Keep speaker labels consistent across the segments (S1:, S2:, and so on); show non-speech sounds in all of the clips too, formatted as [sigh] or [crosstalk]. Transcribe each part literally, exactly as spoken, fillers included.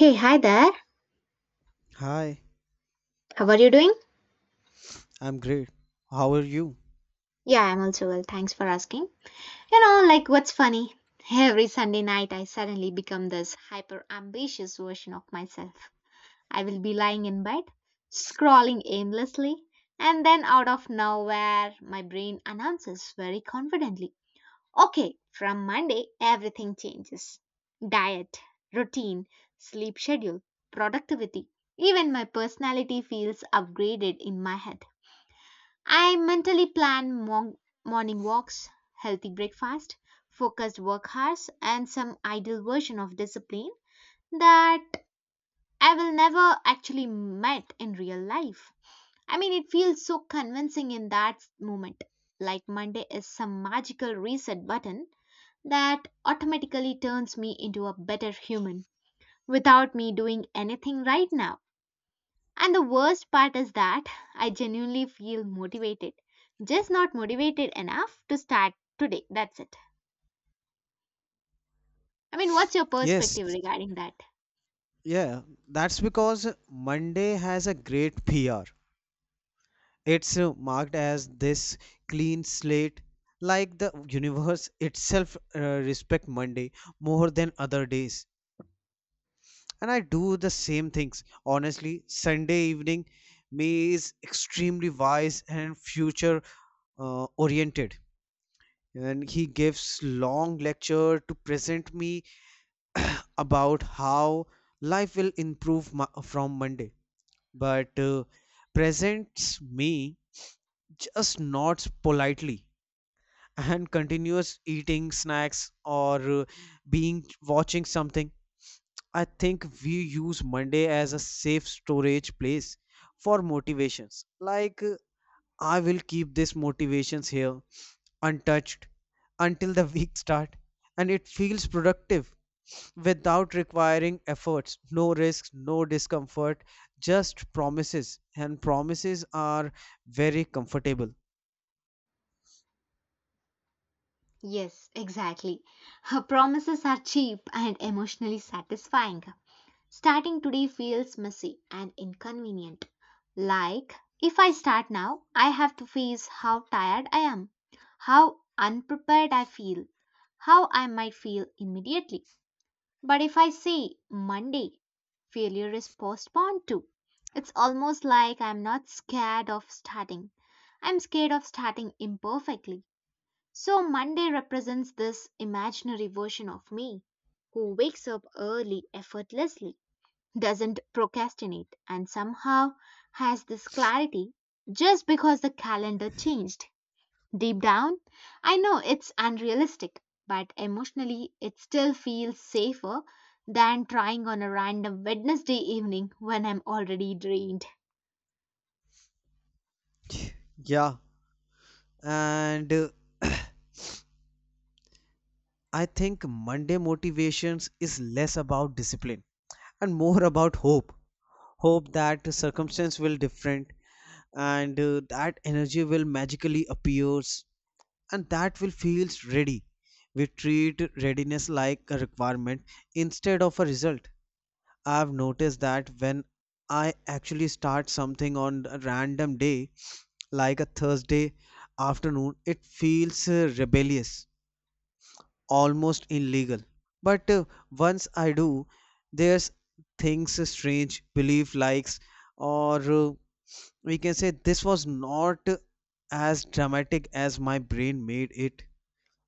S1: Hey, hi there.
S2: Hi,
S1: How are you doing?
S2: I'm great. How are you?
S1: Yeah, I'm also well. Thanks for asking. You know, like what's funny? Every Sunday night, I suddenly become this hyper ambitious version of myself. I will be lying in bed, scrolling aimlessly, and then out of nowhere, my brain announces very confidently, "Okay, from Monday, everything changes: diet, routine, sleep schedule, productivity." Even my personality feels upgraded in my head. I mentally plan mon- morning walks, healthy breakfast, focused work hours, and some ideal version of discipline that I will never actually met in real life. I mean, it feels so convincing in that moment, like Monday is some magical reset button that automatically turns me into a better human without me doing anything right now. And the worst part is that I genuinely feel motivated, just not motivated enough to start today. That's it. I mean, what's your
S2: Yes,
S1: perspective regarding that?
S2: yeah, that's because Monday has a great P R. It's uh, marked as this clean slate, like the universe itself uh, respect Monday more than other days. And I do the same things. Honestly, Sunday evening me is extremely wise and future uh, oriented. And he gives long lecture to present me [coughs] [clears throat] about how life will improve mo- from Monday, but uh, presents me just nods politely [laughs] and continuous eating snacks or uh, being watching something. I think we use Monday as a safe storage place for motivations. Like uh, I will keep this motivations here untouched until the [laughs] week start, and it feels productive without requiring efforts, no risks, no discomfort, just promises. And promises are very comfortable.
S1: Yes, exactly. Her Promises are cheap and emotionally satisfying. Starting today feels messy and inconvenient. Like, if I start now, I have to face how tired I am, how unprepared I feel, how I might feel immediately. But if I say Monday, failure is postponed to. It's almost like I'm not scared of starting. I'm scared of starting imperfectly. So Monday represents this imaginary version of me who wakes up early effortlessly, doesn't procrastinate, and somehow has this clarity just because the calendar changed. Deep down, I know it's unrealistic, but emotionally, it still feels safer than trying on a random Wednesday evening when I'm already drained.
S2: Yeah, and uh, [clears throat] I think Monday motivations is less about discipline and more about hope. Hope that circumstance will different, and uh, that energy will magically appears, and that will feels ready. We treat readiness like a requirement instead of a result. I've noticed that when I actually start something on a random day, like a Thursday afternoon, it feels uh, rebellious, almost illegal. But uh, once I do, there's things uh, strange, belief likes, or uh, we can say this was not uh, as dramatic as my brain made it.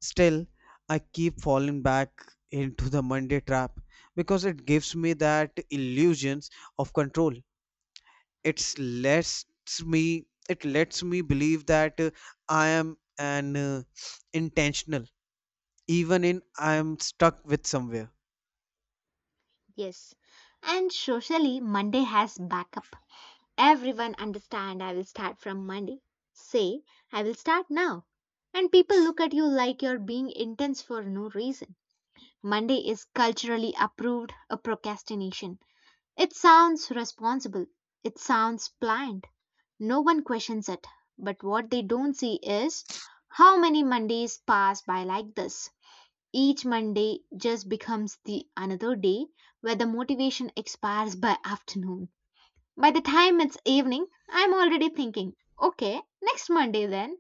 S2: Still, I keep falling back into the Monday trap because it gives me that illusions of control. It's lets me it lets me believe that uh, I am an uh, intentional even in I am stuck with somewhere.
S1: Yes. And socially, Monday has backup. Everyone understand I will start from Monday. Say, I will start now. And people look at you like you're being intense for no reason. Monday is culturally approved a procrastination. It sounds responsible. It sounds planned No one questions it. But what they don't see is how many Mondays pass by like this. Each Monday just becomes the another day where the motivation expires by afternoon. By the time it's evening, I'm already thinking, okay, next Monday then.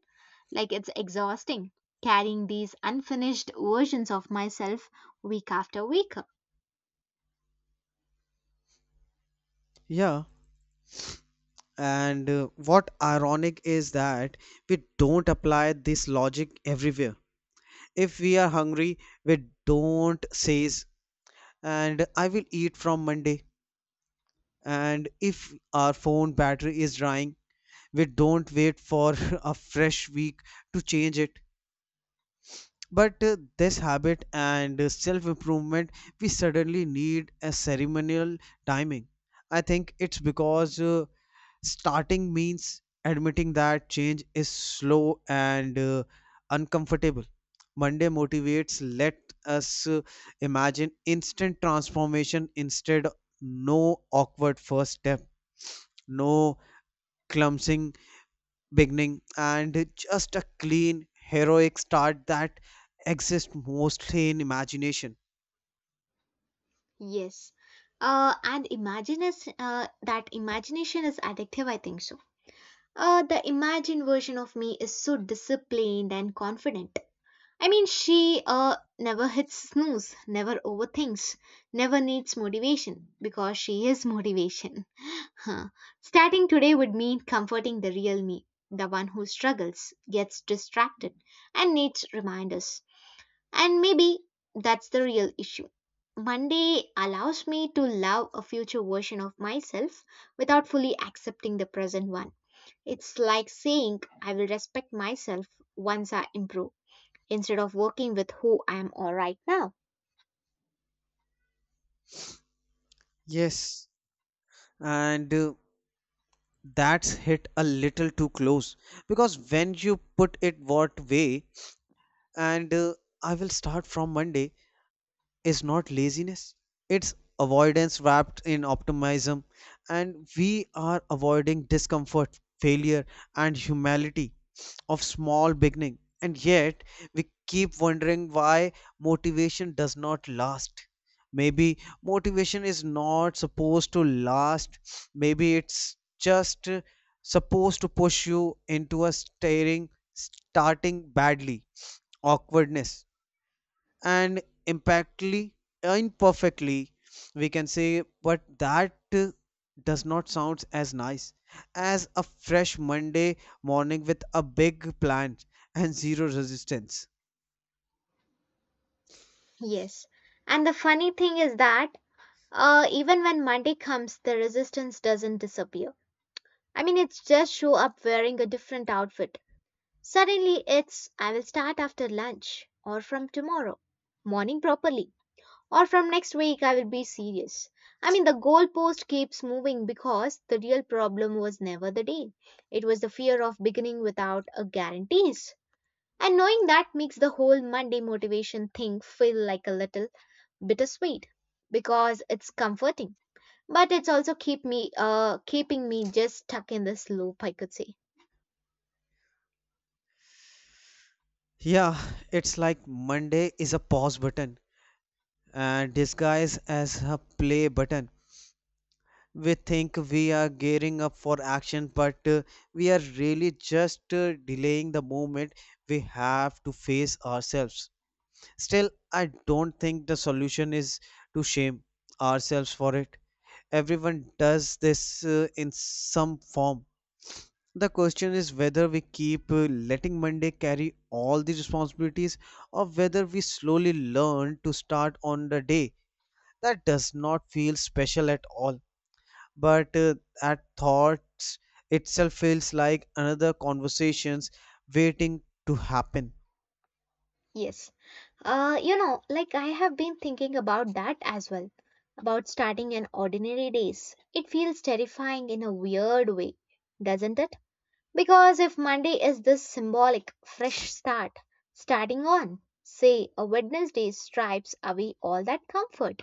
S1: Like it's exhausting carrying these unfinished versions of myself week after week.
S2: Yeah, and uh, what ironic is that we don't apply this logic everywhere. If we are hungry, we don't says and I will eat from Monday, and if our phone battery is drying, we don't wait for [laughs] a fresh week to change it. But uh, this habit and self improvement, we suddenly need a ceremonial timing. I think it's because uh, starting means admitting that change is slow and uh, uncomfortable. Monday motivates let us uh, imagine instant transformation instead. No awkward first step, no Clumsing, beginning, and just a clean heroic start that exists mostly in imagination.
S1: Yes. Uh, and imagine is, uh, that imagination is addictive, I think so. Uh, the imagined version of me is so disciplined and confident. I mean, she uh, never hits snooze, never overthinks, never needs motivation because she is [laughs] motivation. Huh. Starting today would mean comforting the real me, the one who struggles, gets distracted, and needs reminders. And maybe that's the real issue. Monday allows me to love a future version of myself without fully accepting the present one. It's like saying, I will respect myself once I improve, instead of working with who I am all right now.
S2: Yes, and uh, that's hit a little too close, because when you put it what way, and uh, I will start from Monday is not laziness, it's avoidance wrapped in optimism. And we are avoiding discomfort, failure, and humility of small beginning. And yet we keep wondering why motivation does not last. Maybe motivation is not supposed to last. Maybe it's just uh, supposed to push you into a staring starting badly, awkwardness, and impactly imperfectly, we can say. But that uh, does not sound as nice as a fresh Monday morning with a big plan and zero resistance.
S1: Yes. And the funny thing is that uh, even when Monday comes, the resistance doesn't disappear. I mean, it's just show up wearing a different outfit. Suddenly, it's I will start after lunch or from tomorrow morning properly, or from next week I will be serious. I mean, the goalpost keeps moving because the real problem was never the day. It was the fear of beginning without a guarantees. And knowing that makes the whole Monday motivation thing feel like a little bittersweet because it's comforting. But it's also keep me uh keeping me just stuck in this loop, I could say.
S2: Yeah, it's like Monday is a pause button and disguised as a play button. We think we are gearing up for action, but uh, we are really just uh, delaying the moment we have to face ourselves. Still, I don't think the solution is to shame ourselves for it. Everyone does this uh, in some form. The question is whether we keep uh, letting Monday carry all the responsibilities, or whether we slowly learn to start on the day that does not feel special at all. But uh, at thoughts itself feels like another conversations waiting to happen.
S1: Yes. Uh, you know, like I have been thinking about that as well, about starting an ordinary days. It feels terrifying in a weird way, doesn't it? Because if Monday is this symbolic, fresh start, starting on, say, a Wednesday stripes away all that comfort.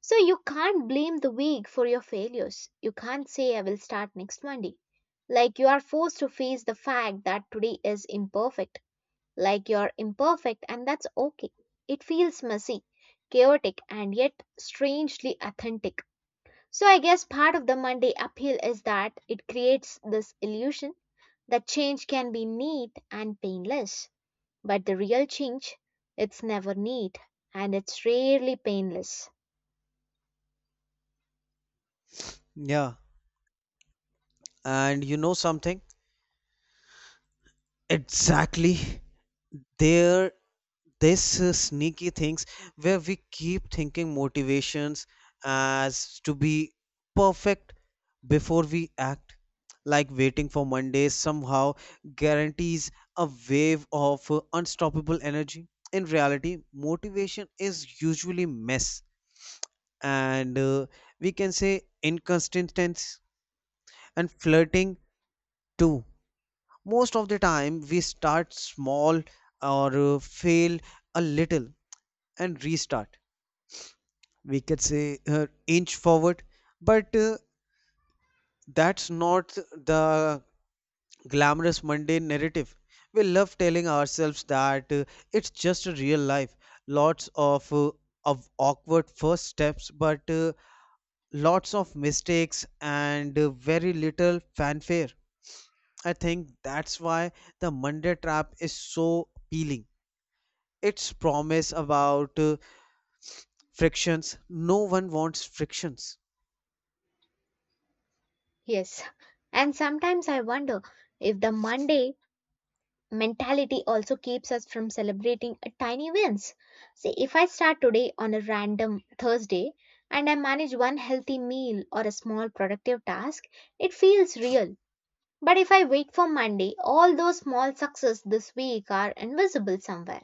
S1: So you can't blame the week for your failures. You can't say, I will start next Monday. Like you are forced to face the fact that today is imperfect, like you're imperfect, and that's okay. It feels messy, chaotic, and yet strangely authentic. So, I guess part of the Monday appeal is that it creates this illusion that change can be neat and painless. But the real change, it's never neat and it's rarely painless.
S2: Yeah, and you know something? Exactly. There this uh, sneaky things where we keep thinking motivations as to be perfect before we act, like waiting for Monday somehow guarantees a wave of uh, unstoppable energy. In reality motivation is usually mess and uh, we can say inconsistency, and flirting too. Most of the time we start small, or uh, fail a little and restart, we could say uh, inch forward. But uh, that's not the glamorous mundane narrative we love telling ourselves. That uh, it's just a real life, lots of uh, of awkward first steps, but uh, lots of mistakes, and uh, very little fanfare. I think that's why the Monday trap is so appealing. Its promise about uh, frictions. No one wants frictions.
S1: Yes. And sometimes I wonder if the Monday mentality also keeps us from celebrating a tiny wins. See, if I start today on a random Thursday and I manage one healthy meal or a small productive task, it feels real. But if I wait for Monday, all those small successes this week are invisible somewhere.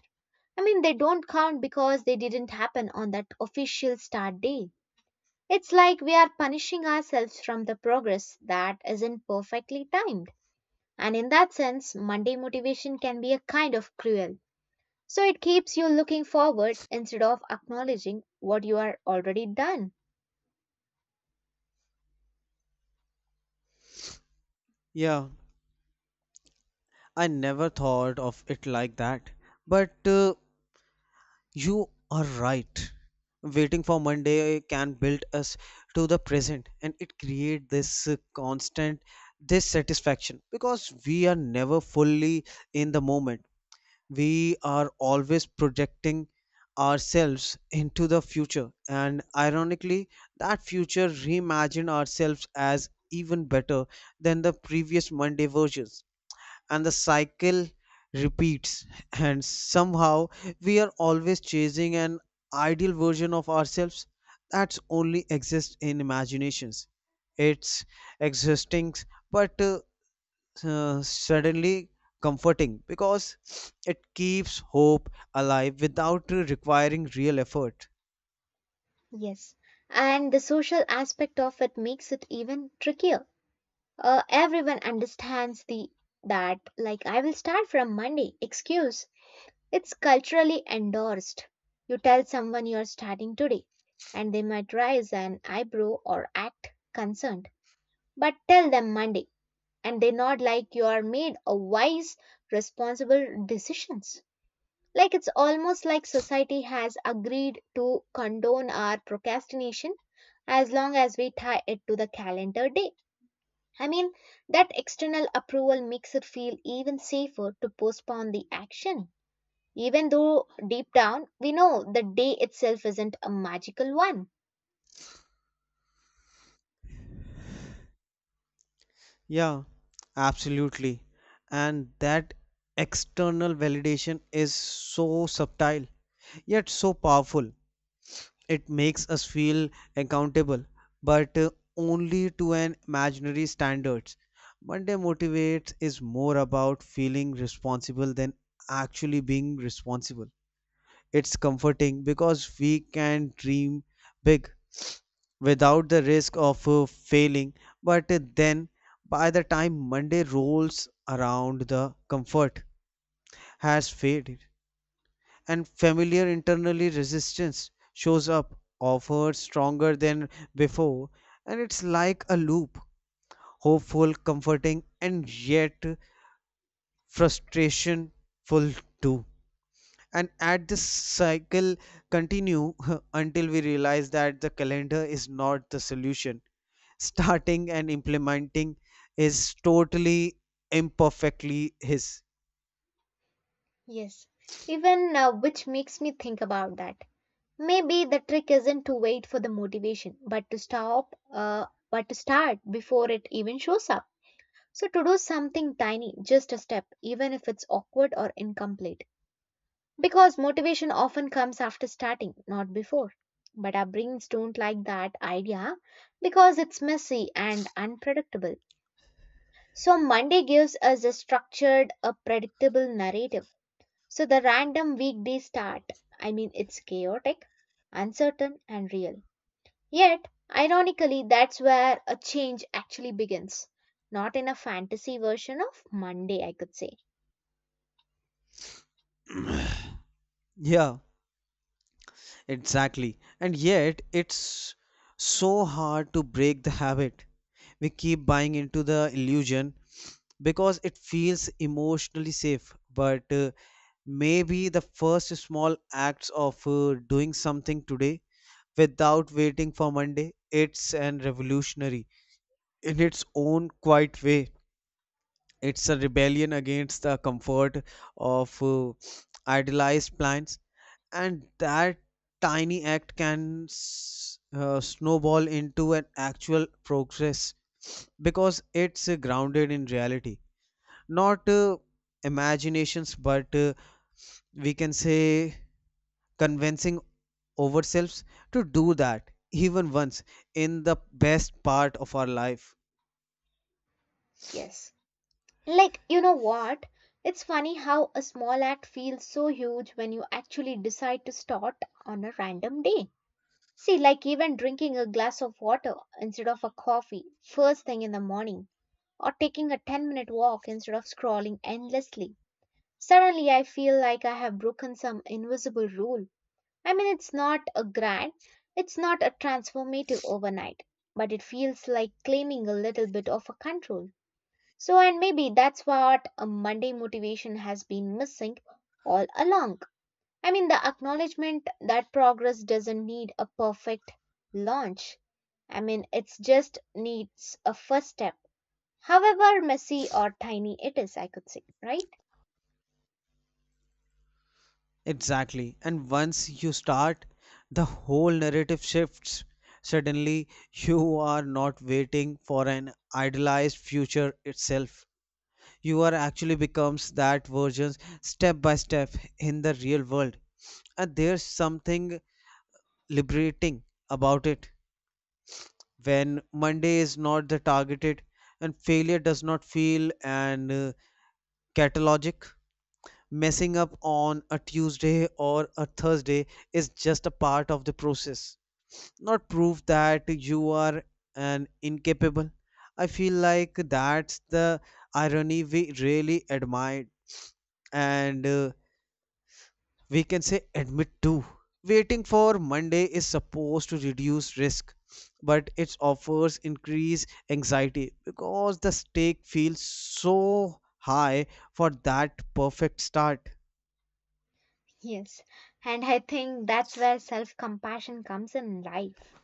S1: I mean, they don't count because they didn't happen on that official start day. It's like we are punishing ourselves from the progress that isn't perfectly timed. And in that sense, Monday motivation can be a kind of cruel. So it keeps you looking forward instead of acknowledging what you are already done.
S2: Yeah, I never thought of it like that. But uh, you are right. Waiting for Monday can build us to the present, and it create this uh, constant dissatisfaction, because we are never fully in the moment. We are always projecting ourselves into the future, and ironically that future reimagine ourselves as even better than the previous Monday versions, and the cycle repeats [clears throat] [laughs] and somehow we are always chasing an ideal version of ourselves that only exists in imaginations. It's exhausting, but uh, uh, suddenly comforting, because [sniffs] it keeps hope alive without uh, requiring real effort.
S1: Yes. And the social aspect of it makes it even trickier. Uh, everyone understands the that like I will start from Monday excuse. It's culturally endorsed. You tell someone you're starting today and they might raise an eyebrow or act concerned. But tell them Monday and they nod like you are made a wise, responsible decisions. Like it's almost like society has agreed to condone our procrastination as long as we tie it to the calendar day. I mean, that external approval makes it feel even safer to postpone the action, even though deep down we know the day itself isn't a magical one.
S2: Yeah, absolutely. And that external validation is so subtle yet so powerful. It makes us feel accountable, but uh, only to an imaginary standards. Monday Motivates is more about feeling responsible than actually being responsible. It's comforting because we can dream big without the risk of uh, failing, but uh, then by the time Monday rolls around, the comfort has faded, and familiar internally resistance shows up offered stronger than before. And it's like a loop, hopeful, comforting, and yet frustrationful too. And at this cycle continue [laughs] until we realize that the calendar is not the solution. Starting and implementing is totally imperfectly his.
S1: Yes, even uh, which makes me think about that. Maybe the trick isn't to wait for the motivation, but to stop, uh, but to start before it even shows up. So, to do something tiny, just a step, even if it's awkward or incomplete. Because motivation often comes after starting, not before. But our brains don't like that idea because it's messy and unpredictable. So, Monday gives us a structured, a predictable narrative. So, the random weekday start, I mean, it's chaotic, uncertain, and real. Yet, ironically, that's where a change actually begins. Not in a fantasy version of Monday, I could say.
S2: Yeah, exactly. And yet it's so hard to break the habit. We keep buying into the illusion because it feels emotionally safe. But uh, maybe the first small acts of uh, doing something today without waiting for Monday, it's an revolutionary in its own quiet way. It's a rebellion against the comfort of uh, idealized plans, and that tiny act can s- uh, snowball into an actual progress, because it's uh, grounded in reality, not uh, imaginations. But uh, we can say convincing ourselves to do that even once, in the best part of our life.
S1: Yes. Like, you know what? It's funny how a small act feels so huge when you actually decide to start on a random day. See, like even drinking a glass of water instead of a coffee first thing in the morning, or taking a ten minute walk instead of scrolling endlessly. Suddenly, I feel like I have broken some invisible rule. I mean, it's not a grand, it's not a transformative overnight, but it feels like claiming a little bit of a control. So, and maybe that's what a Monday motivation has been missing all along. I mean, the acknowledgement that progress doesn't need a perfect launch. I mean, it just needs a first step, however messy or tiny it is, I could say, right?
S2: Exactly. And once you start, the whole narrative shifts. Suddenly you are not waiting for an idealized future itself, you are actually becomes that version, step by step, in the real world. And there's something liberating about it, when Monday is not the targeted, and failure does not feel and uh, catalogic. Messing up on a Tuesday or a Thursday is just a part of the process, not proof that you are an incapable. I feel like that's the irony we really admire, and uh, we can say admit to. Waiting for Monday is supposed to reduce risk, but it offers increased anxiety, because the stake feels so high for that perfect start.
S1: Yes. And I think that's where self compassion comes in life.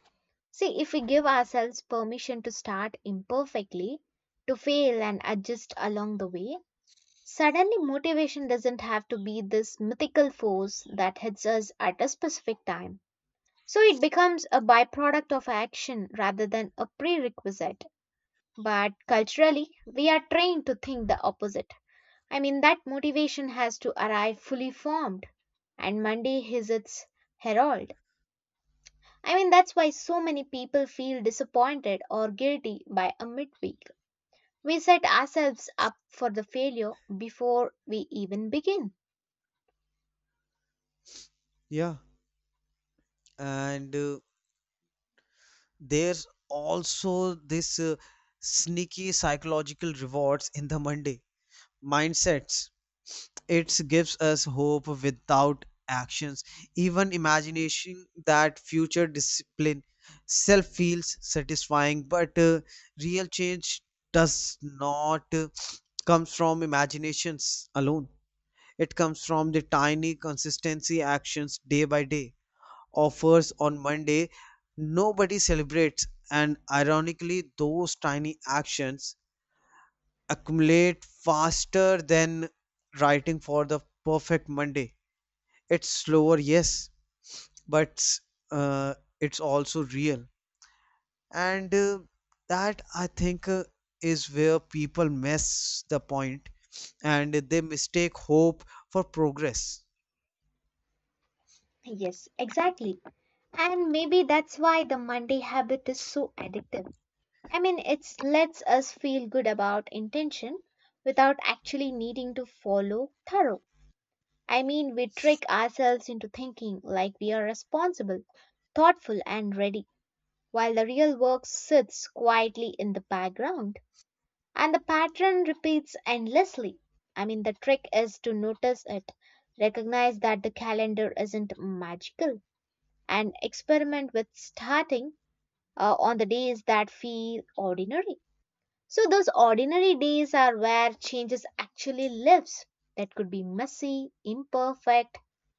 S1: See, if we give ourselves permission to start imperfectly, to fail and adjust along the way, suddenly, motivation doesn't have to be this mythical force that hits us at a specific time. So it becomes a byproduct of action rather than a prerequisite. But culturally, we are trained to think the opposite. I mean, that motivation has to arrive fully formed, and Monday is its herald. I mean, that's why so many people feel disappointed or guilty by a midweek. We set ourselves up for the failure before we even begin.
S2: Yeah, and uh, there's also this uh, sneaky psychological rewards in the Monday mindsets. It gives us hope without actions, even imagination that future discipline self feels satisfying, but uh, real change does not uh, come from imaginations alone. It comes from the tiny consistency actions day by day. Offers on Monday, nobody celebrates, and ironically, those tiny actions accumulate faster than writing for the perfect Monday. It's slower, yes, but uh, it's also real. And uh, that I think uh, is where people miss the point, and they mistake hope for progress.
S1: Yes, exactly. And maybe that's why the Monday habit is so addictive. I mean, it lets us feel good about intention without actually needing to follow thorough. I mean, we trick ourselves into thinking like we are responsible, thoughtful, and ready, while the real work sits quietly in the background. And the pattern repeats endlessly. I mean, the trick is to notice it, recognize that the calendar isn't magical and experiment with starting uh, on the days that feel ordinary. So, those ordinary days are where changes actually lives that could be messy, imperfect,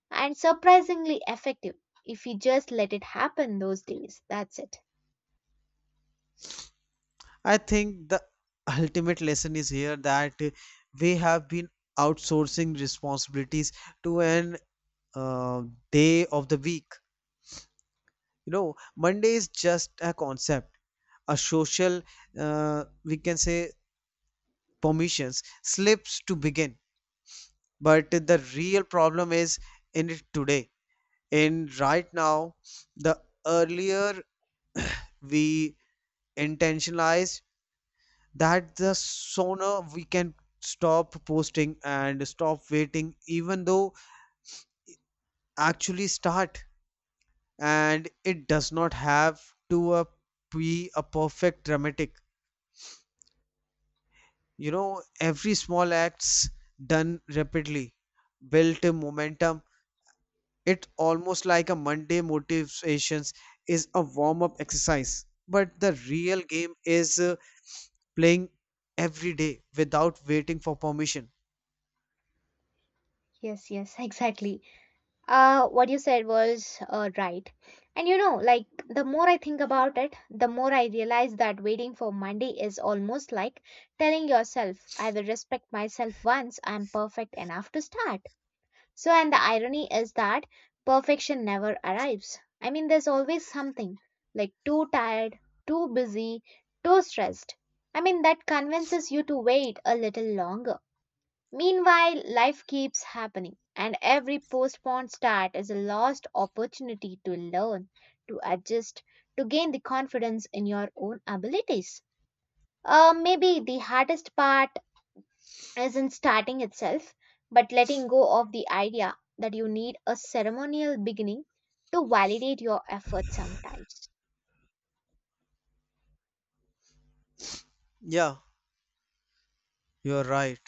S1: and surprisingly effective if we just let it happen those days. That's it.
S2: I think the ultimate lesson is here, that uh, we have been outsourcing responsibilities to an uh, day of the week. You know, Monday is just a concept, a social, uh, we can say, permissions slips to begin. But the real problem is in it today, in right now. The earlier we intentionalize that, the sooner we can stop posting and stop waiting, even though actually start. And it does not have to uh, be a perfect dramatic. You know, every small acts done rapidly built a momentum. It's almost like a Monday motivations is a warm-up exercise. But the real game is uh, playing every day without waiting for permission.
S1: Yes, yes, [laughs] exactly. Uh, what you said was uh, right. And you know, like the more I think about it, the more I realize that waiting for Monday is almost like telling yourself, I will respect myself once I'm perfect enough to start. So, and the irony is that perfection never arrives. I mean, there's always something like too tired, too busy, too stressed. I mean, that convinces you to wait a little longer. Meanwhile, life keeps happening, and every postponed start is a lost opportunity to learn, to adjust, to gain the confidence in your own abilities. Uh, maybe the hardest part isn't starting itself, but letting go of the idea that you need a ceremonial beginning to validate your effort sometimes.
S2: Yeah, you're right.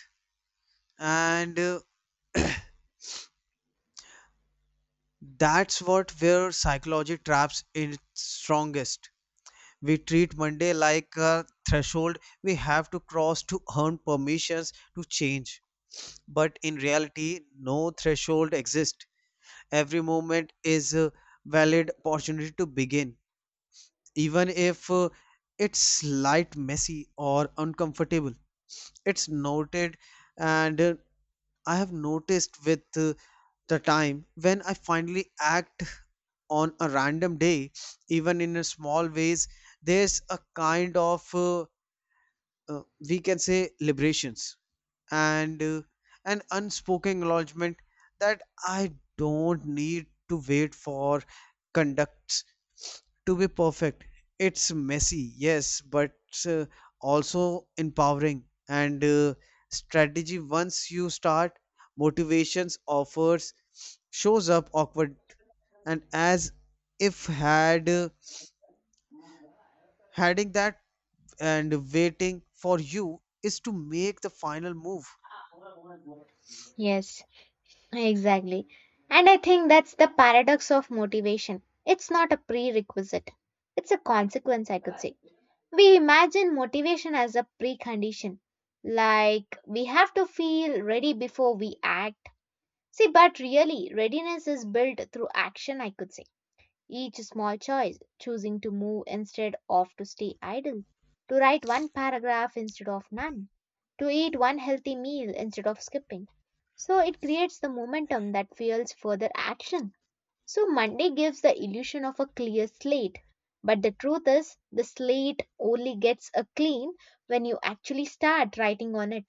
S2: And uh, that's what where psychology traps in its strongest. We treat Monday like a threshold we have to cross to earn permissions to change. But in reality, no threshold exists. Every moment is a valid opportunity to begin. Even if uh, it's slight messy or uncomfortable, it's noted. And uh, I have noticed with uh, the time when I finally act on a random day, even in a small ways, there's a kind of uh, uh, we can say liberations, and uh, an unspoken acknowledgement that I don't need to wait for conducts to be perfect. It's messy, yes, but uh, also empowering, and uh, strategy. Once you start, motivations offers shows up awkward, and as if had uh, having that and waiting for you is to make the final move.
S1: Yes, exactly. And I think that's the paradox of motivation. It's not a prerequisite, it's a consequence, I could say. We imagine motivation as a precondition, like we have to feel ready before we act. See, but really, readiness is built through action, I could say. Each small choice, choosing to move instead of to stay idle, to write one paragraph instead of none, to eat one healthy meal instead of skipping. So it creates the momentum that fuels further action. So Monday gives the illusion of a clear slate, but the truth is the slate only gets a clean when you actually start writing on it.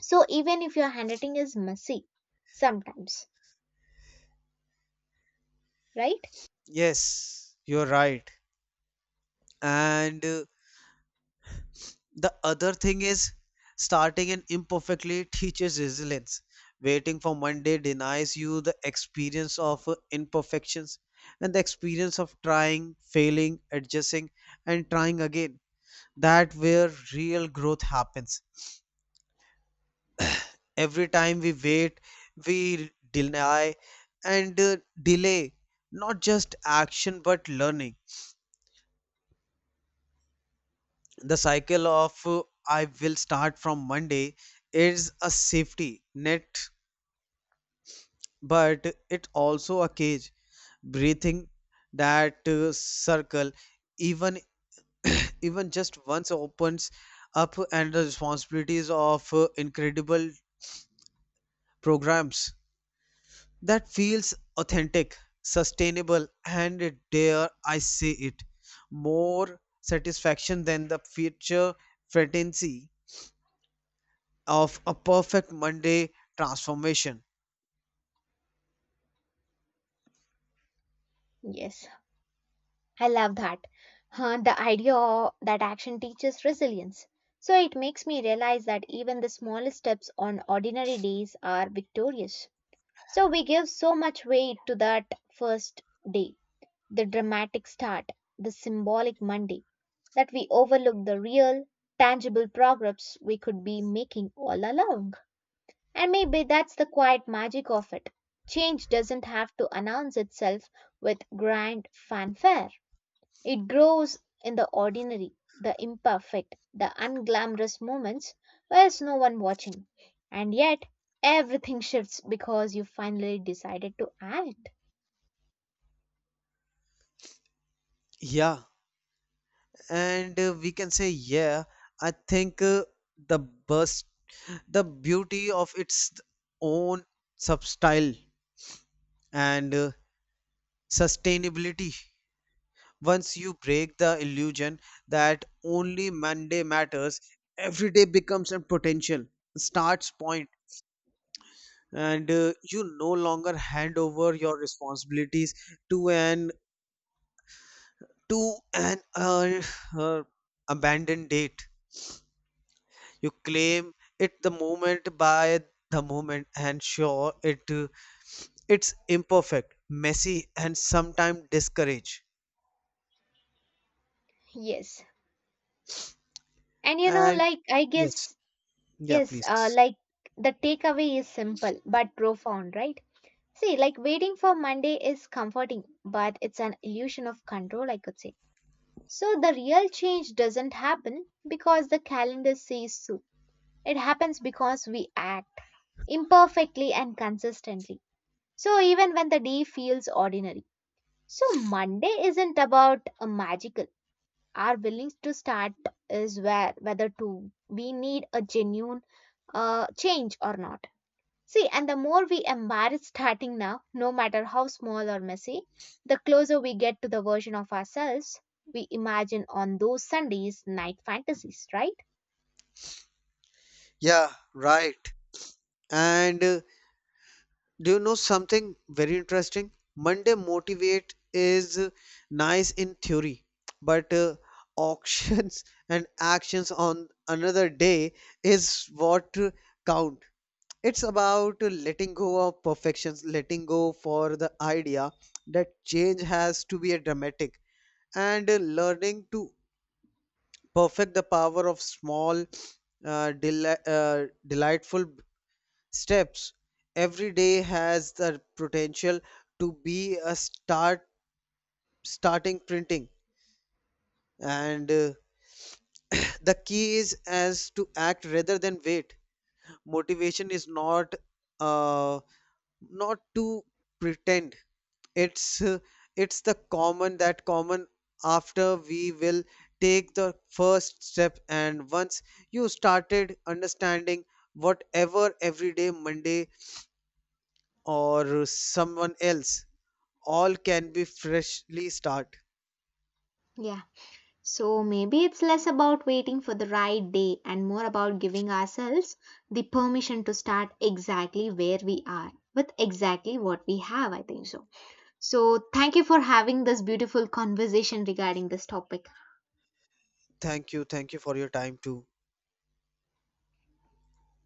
S1: So even if your handwriting is messy sometimes, right?
S2: Yes, you're right. And uh, the other thing is, starting and imperfectly teaches resilience. Waiting for Monday denies you the experience of uh, imperfections, and the experience of trying, failing, adjusting, and trying again. That where real growth happens. Every time we wait, we deny and uh, delay not just action but learning. The cycle of uh, I will start from Monday is a safety net, but it also a cage. Breathing that uh, circle even [coughs] [clears throat] even just once opens up, and the responsibilities of uh, incredible programs that feels authentic, sustainable, and, dare I say it, more satisfaction than the future fantasy of a perfect Monday transformation.
S1: Yes, I love that. Huh, the idea o- that action teaches resilience. So it makes me realize that even the smallest steps on ordinary days are victorious. So we give so much weight to that first day, the dramatic start, the symbolic Monday, that we overlook the real, tangible progress we could be making all along. And maybe that's the quiet magic of it. Change doesn't have to announce itself with grand fanfare, it grows in the ordinary, the imperfect, the unglamorous moments where's no one watching. And yet, everything shifts because you finally decided to act.
S2: Yeah, and uh, we can say yeah, I think uh, the best the beauty of its own substyle, and uh, sustainability. Once you break the illusion that only Monday matters, every day becomes a potential starts point, and uh, you no longer hand over your responsibilities to an, to an uh, uh, abandoned date. You claim it the moment by the moment, and sure, it uh, it's imperfect, messy, and sometimes discourage.
S1: Yes. And you know,
S2: And
S1: like, I
S2: yes,
S1: guess.
S2: yeah,
S1: Yes, uh,
S2: please.
S1: like the takeaway is simple but profound, right? See, like waiting for Monday is comforting, but it's an illusion of control, I could say. So the real change doesn't happen because the calendar says so. It happens because we act imperfectly and consistently. So even when the day feels ordinary. So Monday isn't about a magical. Our willingness to start is where whether to we need a genuine uh, change or not. See, and the more we embrace starting now, no matter how small or messy, the closer we get to the version of ourselves we imagine on those Sundays night fantasies, right?
S2: Yeah, right. And uh, do you know something very interesting? Monday Motivate is uh, nice in theory, but uh, auctions [laughs] and actions on another day is what uh, count. It's about uh, letting go of perfections, letting go for the idea that change has to be a dramatic, and uh, learning to perfect the power of small, uh, deli- uh, delightful steps. Every day has the potential to be a start starting printing. And uh, [clears throat] the key is as to act rather than wait. Motivation is not uh not to pretend. it's uh, it's the common that common after we will take the first step. And once you started understanding, whatever everyday Monday or someone else, all can be freshly start.
S1: Yeah. So maybe it's less about waiting for the right day and more about giving ourselves the permission to start exactly where we are with exactly what we have, I think so. So thank you for having this beautiful conversation regarding this topic.
S2: Thank you. Thank you for your time too.